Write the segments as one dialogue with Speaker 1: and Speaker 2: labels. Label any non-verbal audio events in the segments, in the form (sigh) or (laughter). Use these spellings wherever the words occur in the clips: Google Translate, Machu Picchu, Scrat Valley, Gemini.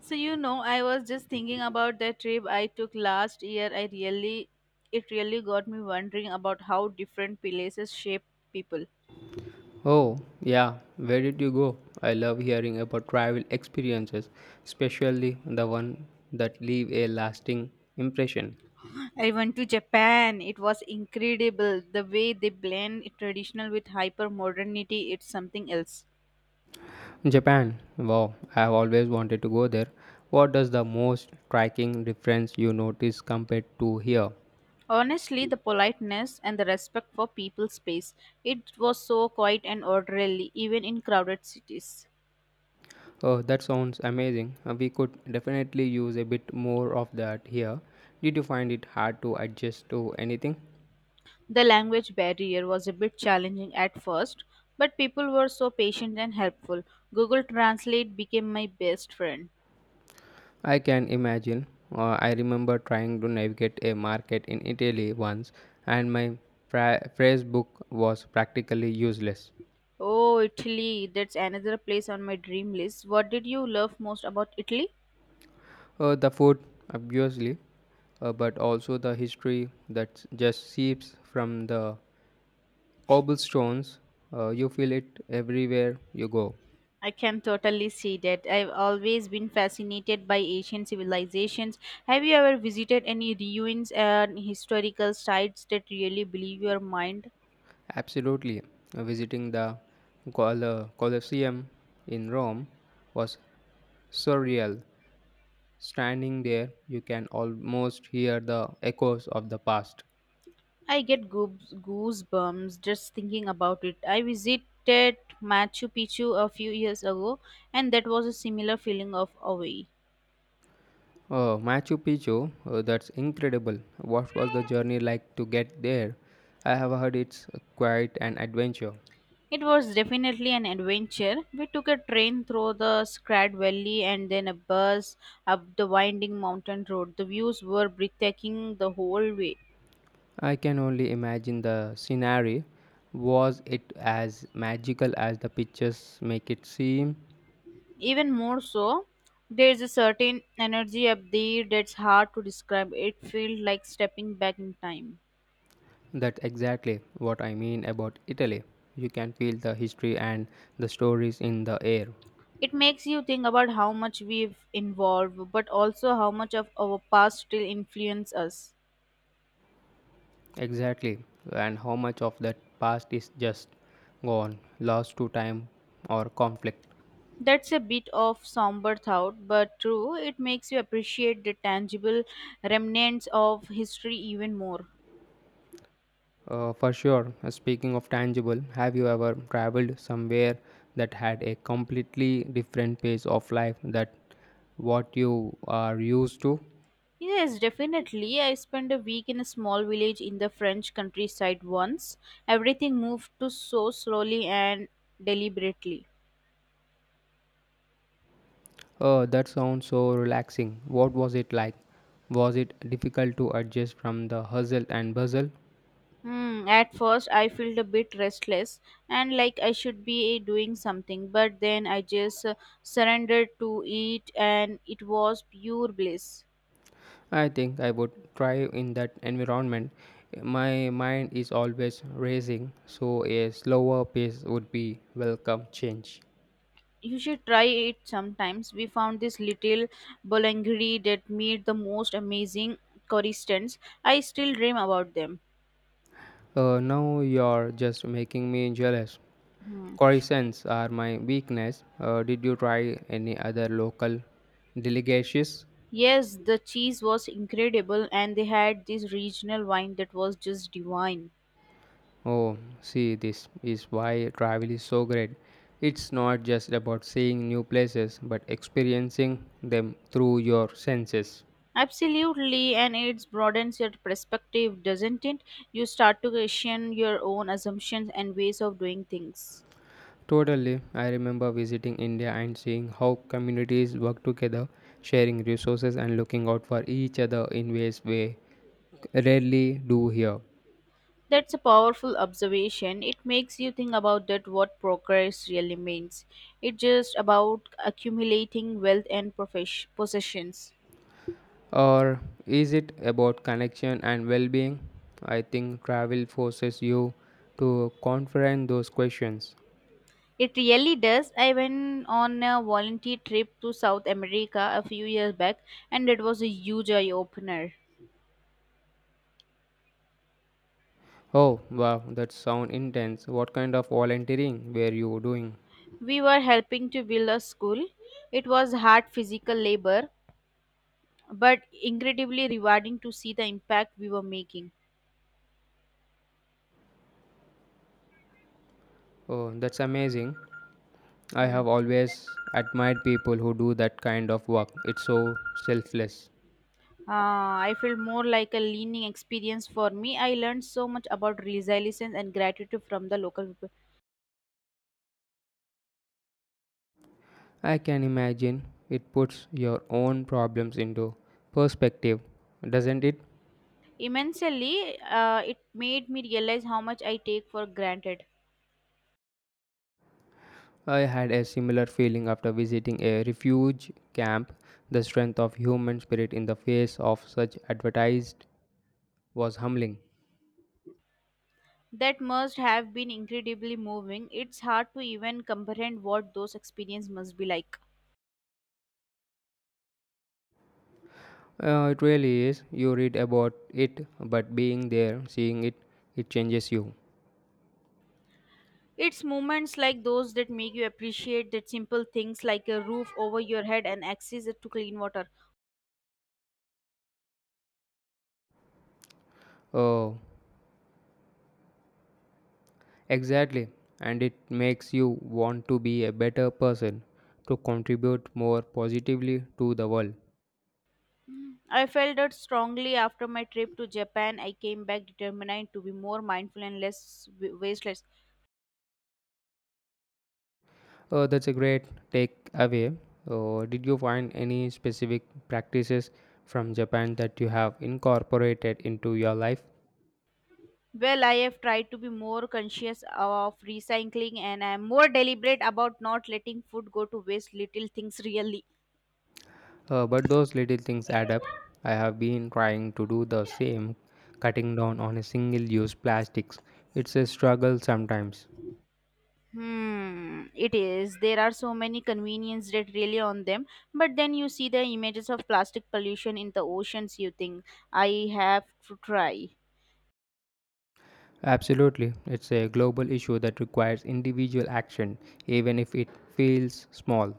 Speaker 1: So you know, I was just thinking about that trip I took last year. I really It really got me wondering about how different places shape people.
Speaker 2: Oh, yeah, where did you go? I love hearing about travel experiences, especially the one that leave a lasting impression.
Speaker 1: I went to Japan. It was incredible. The way they blend traditional with hyper modernity, it's something else.
Speaker 2: Japan. Wow, I have always wanted to go there. What does the most striking difference you notice compared to here?
Speaker 1: Honestly, the politeness and the respect for people's space. It was so quiet and orderly, even in crowded cities.
Speaker 2: Oh, that sounds amazing. We could definitely use a bit more of that here. Did you find it hard to adjust to anything?
Speaker 1: The language barrier was a bit challenging at first, but people were so patient and helpful. Google Translate became my best friend.
Speaker 2: I can imagine. I remember trying to navigate a market in Italy once, and my phrase book was practically useless.
Speaker 1: Oh, Italy, that's another place on my dream list. What did you love most about Italy?
Speaker 2: The food, obviously, but also the history that just seeps from the cobblestones. You feel it everywhere you go.
Speaker 1: I can totally see that. I've always been fascinated by ancient civilizations. Have you ever visited any ruins and historical sites that really blew your mind?
Speaker 2: Absolutely. Visiting the Colosseum in Rome was surreal. Standing there, you can almost hear the echoes of the past.
Speaker 1: I get goosebumps just thinking about it. I visited Machu Picchu a few years ago, and that was a similar feeling of awe.
Speaker 2: Oh, Machu Picchu, oh, that's incredible. What was the journey like to get there? I have heard it's quite an adventure.
Speaker 1: It was definitely an adventure. We took a train through the Scrat Valley and then a bus up the winding mountain road. The views were breathtaking the whole way.
Speaker 2: I can only imagine the scenery. Was it as magical as the pictures make it seem?
Speaker 1: Even more so, there is a certain energy up there that's hard to describe. It felt like stepping back in time.
Speaker 2: That's exactly what I mean about Italy. You can feel the history and the stories in the air.
Speaker 1: It makes you think about how much we've evolved, but also how much of our past still influence us.
Speaker 2: Exactly. And how much of that past is just gone, lost to time or conflict?
Speaker 1: That's a bit of somber thought, but true, it makes you appreciate the tangible remnants of history even more.
Speaker 2: For sure. Speaking of tangible, have you ever traveled somewhere that had a completely different pace of life that what you are used to?
Speaker 1: Yes, definitely. I spent a week in a small village in the French countryside once. Everything moved to so slowly and deliberately.
Speaker 2: Oh, that sounds so relaxing. What was it like? Was it difficult to adjust from the hustle and bustle?
Speaker 1: Hmm, at first, I felt a bit restless and like I should be doing something, but then I just surrendered to it and it was pure bliss.
Speaker 2: I think I would thrive in that environment. My mind is always racing, so a slower pace would be welcome change.
Speaker 1: You should try it sometimes. We found this little bolangri that made the most amazing croissants. I still dream about them.
Speaker 2: Now you're just making me jealous.
Speaker 1: Hmm.
Speaker 2: Croissants are my weakness. Did you try any other local delicacies?
Speaker 1: Yes, the cheese was incredible and they had this regional wine that was just divine.
Speaker 2: Oh, see, this is why travel is so great. It's not just about seeing new places, but experiencing them through your senses.
Speaker 1: Absolutely, and it broadens your perspective, doesn't it? You start to question your own assumptions and ways of doing things.
Speaker 2: Totally. I remember visiting India and seeing how communities work together, sharing resources and looking out for each other in ways we rarely do here.
Speaker 1: That's a powerful observation. It makes you think about that what progress really means. It's just about accumulating wealth and possessions.
Speaker 2: Or is it about connection and well being? I think travel forces you to confront those questions.
Speaker 1: It really does. I went on a volunteer trip to South America a few years back, and it was a huge eye opener.
Speaker 2: Oh, wow, that sounds intense. What kind of volunteering were you doing?
Speaker 1: We were helping to build a school. It was hard physical labor, but incredibly rewarding to see the impact we were making.
Speaker 2: Oh, that's amazing. I
Speaker 1: Hmm.
Speaker 2: have always admired people who do that kind of work. It's so selfless.
Speaker 1: I feel more like a leaning experience for me. I learned so much about resilience and gratitude from the local people.
Speaker 2: I can imagine it puts your own problems into perspective, doesn't it?
Speaker 1: Immensely, it made me realize how much I take for granted.
Speaker 2: I had a similar feeling after visiting a refuge camp. The strength of human spirit in the face of such advertised was humbling.
Speaker 1: That must have been incredibly moving. It's hard to even comprehend what those experiences must be like.
Speaker 2: It really is. You read about it, but being there, seeing it, it changes you.
Speaker 1: It's moments like those that make you appreciate that simple things like a roof over your head and access to clean water.
Speaker 2: Oh, exactly. And it makes you want to be a better person, to contribute more positively to the world.
Speaker 1: I felt that strongly after my trip to Japan. I came back determined to be more mindful and less wasteless.
Speaker 2: Oh, that's a great takeaway. Oh, did you find any specific practices from Japan that you have incorporated into your life?
Speaker 1: Well, I have tried to be more conscious of recycling and I am more deliberate about not letting food go to waste. Little things (laughs) really.
Speaker 2: But those little things add up. I have been trying to do the same, cutting down on single use plastics. It's a struggle sometimes.
Speaker 1: Hmm, it is. There are so many convenience that really on them, but then you see the images of plastic pollution in the oceans. You think I have to try.
Speaker 2: Absolutely, it's a global issue that requires individual action, even if it feels small.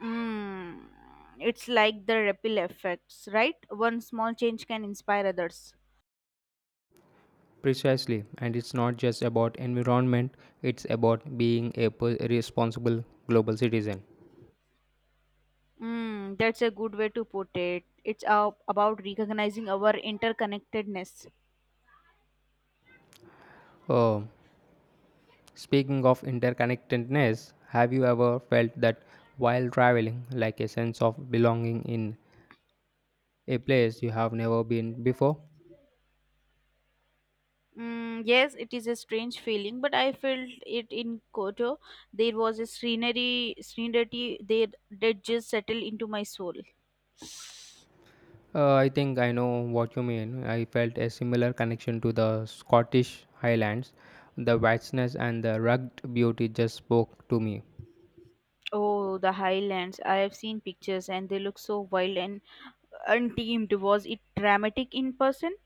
Speaker 1: Mm, it's like the ripple effects, right? One small change can inspire others.
Speaker 2: Precisely, and it's not just about environment, it's about being a responsible global citizen.
Speaker 1: Mm, that's a good way to put it. About recognizing our interconnectedness.
Speaker 2: Oh, speaking of interconnectedness, have you ever felt that while traveling, like a sense of belonging in a place you have never been before?
Speaker 1: Mm, yes, it is a strange feeling, but I felt it in Koto. There was a scenery that that just settled into my soul.
Speaker 2: I think I know what you mean. I felt a similar connection to the Scottish Highlands. The vastness and the rugged beauty just spoke to me.
Speaker 1: Oh, the highlands! I have seen pictures, and they look so wild and untamed. Was it dramatic in person?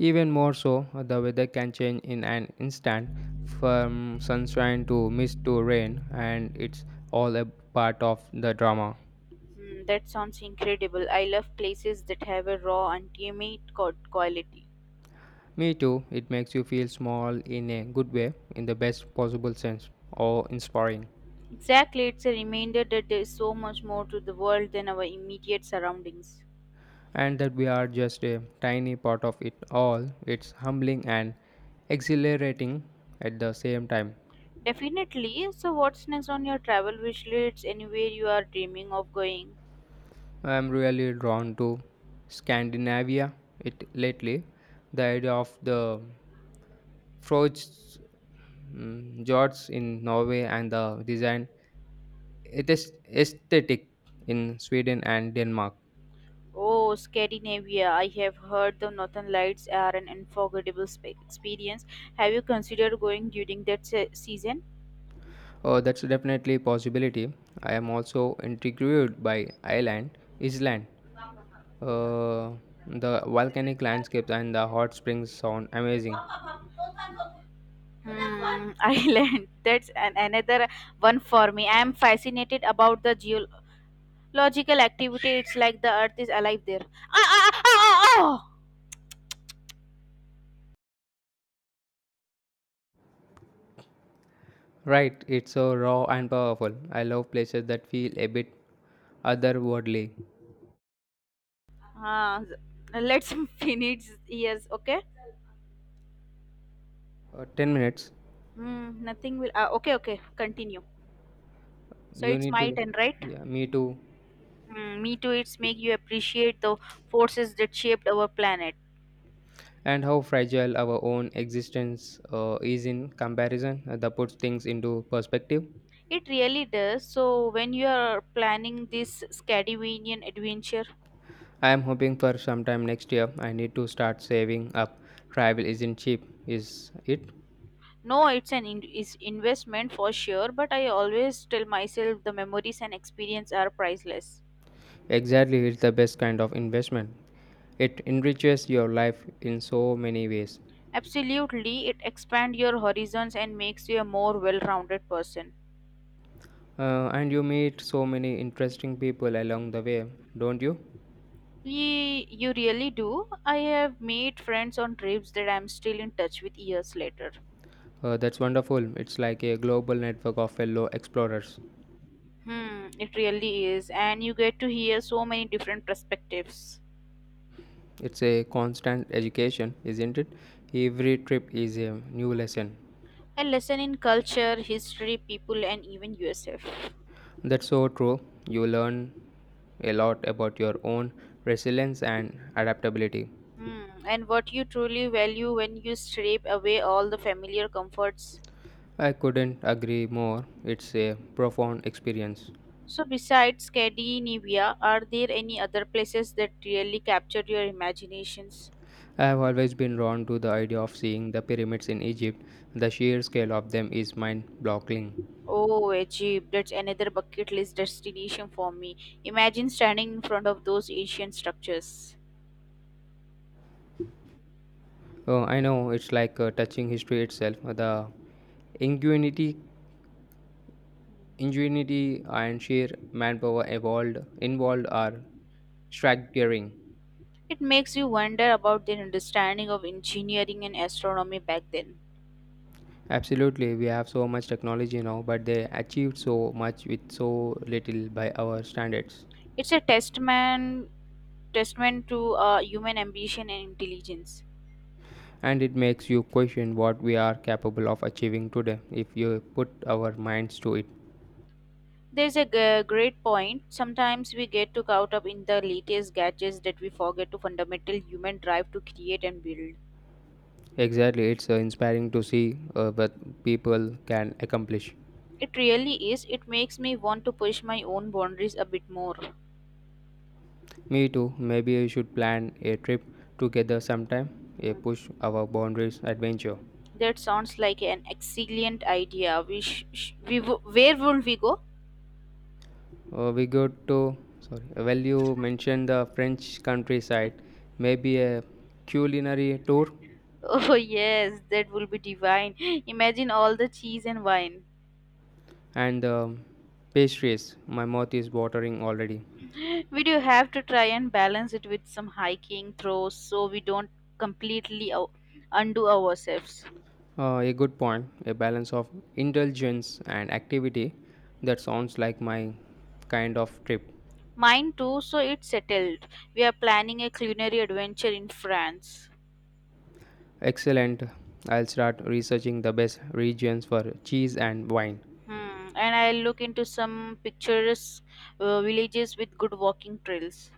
Speaker 2: Even more so, the weather can change in an instant from sunshine to mist to rain, and it's all a part of the drama.
Speaker 1: Mm, that sounds incredible. I love places that have a raw, and intimate quality.
Speaker 2: Me too, it makes you feel small in a good way, in the best possible sense, or inspiring.
Speaker 1: Exactly, it's a reminder that there is so much more to the world than our immediate surroundings.
Speaker 2: And that we are just a tiny part of it all, it's humbling and exhilarating at the same time.
Speaker 1: Definitely. So, what's next on your travel wish list? Anywhere you are dreaming of going?
Speaker 2: I'm really drawn to Scandinavia it lately. The idea of the frogs George in Norway and the design it is aesthetic in Sweden and Denmark.
Speaker 1: Oh, Scandinavia. I have heard the Northern Lights are an unforgettable experience. Have you considered going during that season?
Speaker 2: Oh, that's definitely a possibility. I am also intrigued by Ireland, Iceland. Uh, the volcanic landscapes and the hot springs sound amazing.
Speaker 1: Hmm, (laughs) Ireland. That's another one for me. I am fascinated about the geo Logical activity, it's like the earth is alive there. Ah, ah, ah, ah, ah!
Speaker 2: Right, it's so raw and powerful. I love places that feel a bit otherworldly.
Speaker 1: Ah, let's (laughs) finish. Yes, okay?
Speaker 2: 10 minutes.
Speaker 1: Hmm, nothing will. Ah, okay, okay, continue. So
Speaker 2: You
Speaker 1: it's
Speaker 2: need
Speaker 1: my
Speaker 2: to.
Speaker 1: turn, right?
Speaker 2: Yeah, me too.
Speaker 1: Mm, me too, it's make you appreciate the forces that shaped our planet.
Speaker 2: And how fragile our own existence is in comparison. That puts things into perspective.
Speaker 1: It really does. So when you are planning this Scandinavian adventure,
Speaker 2: I am hoping for sometime next year. I need to start saving up. Travel isn't cheap, is it?
Speaker 1: no, it's is investment for sure, but I always tell myself the memories and experience are priceless.
Speaker 2: Exactly, it's the best kind of investment. It enriches your life in so many ways.
Speaker 1: Absolutely, it expands your horizons and makes you a more well-rounded person.
Speaker 2: And you meet so many interesting people along the way, don't you?
Speaker 1: You really do. I have made friends on trips that I'm still in touch with years later.
Speaker 2: That's wonderful. It's like a global network of fellow explorers.
Speaker 1: Hmm, it really is, and you get to hear so many different perspectives.
Speaker 2: It's a constant education, isn't it? Every trip is a new lesson.
Speaker 1: A lesson in culture, history, people, and even yourself.
Speaker 2: That's so true. You learn a lot about your own resilience and adaptability.
Speaker 1: Hmm, and what you truly value when you strip away all the familiar comforts.
Speaker 2: I couldn't agree more. It's a profound experience.
Speaker 1: So, besides Scandinavia, are there any other places that really captured your imaginations?
Speaker 2: I have always been drawn to the idea of seeing the pyramids in Egypt. The sheer scale of them is mind boggling.
Speaker 1: Oh, Egypt, that's another bucket list destination for me. Imagine standing in front of those ancient structures.
Speaker 2: Oh, I know it's like touching history itself. The ingenuity Ingenuity and sheer manpower evolved involved are staggering.
Speaker 1: It makes you wonder about their understanding of engineering and astronomy back then.
Speaker 2: Absolutely, we have so much technology now, but they achieved so much with so little by our standards.
Speaker 1: It's a testament, testament to human ambition and intelligence.
Speaker 2: And it makes you question what we are capable of achieving today if you put our minds to it.
Speaker 1: Great point. Sometimes we get too caught up in the latest gadgets that we forget to fundamental human drive to create and build.
Speaker 2: Exactly, it's inspiring to see what people can accomplish.
Speaker 1: It really is. It makes me want to push my own boundaries a bit more.
Speaker 2: Me too, maybe we should plan a trip together sometime, a
Speaker 1: Mm,
Speaker 2: push our boundaries adventure.
Speaker 1: that sounds like an excellent idea. We sh- sh- we w- Where will we go?
Speaker 2: We go to, sorry, Well, you mentioned the French countryside, maybe a culinary tour
Speaker 1: (laughs) Oh yes, that will be divine. Imagine all the cheese and wine.
Speaker 2: and pastries. My mouth is watering already.
Speaker 1: We do have to try and balance it with some hiking throws so we don't completely undo ourselves.
Speaker 2: A good point, a balance of indulgence and activity. That sounds like my kind of trip.
Speaker 1: Mine too, so it's settled. We are planning a culinary adventure in France.
Speaker 2: Excellent. I'll start researching the best regions for cheese and wine.
Speaker 1: Hmm. And I'll look into some picturesque villages with good walking trails.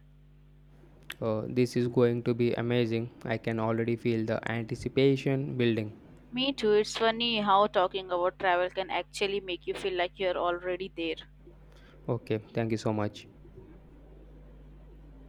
Speaker 2: This is going to be amazing. I can already feel the anticipation building.
Speaker 1: Me too. It's funny how talking about travel can actually make you feel like you're already there.
Speaker 2: Okay, thank you so much.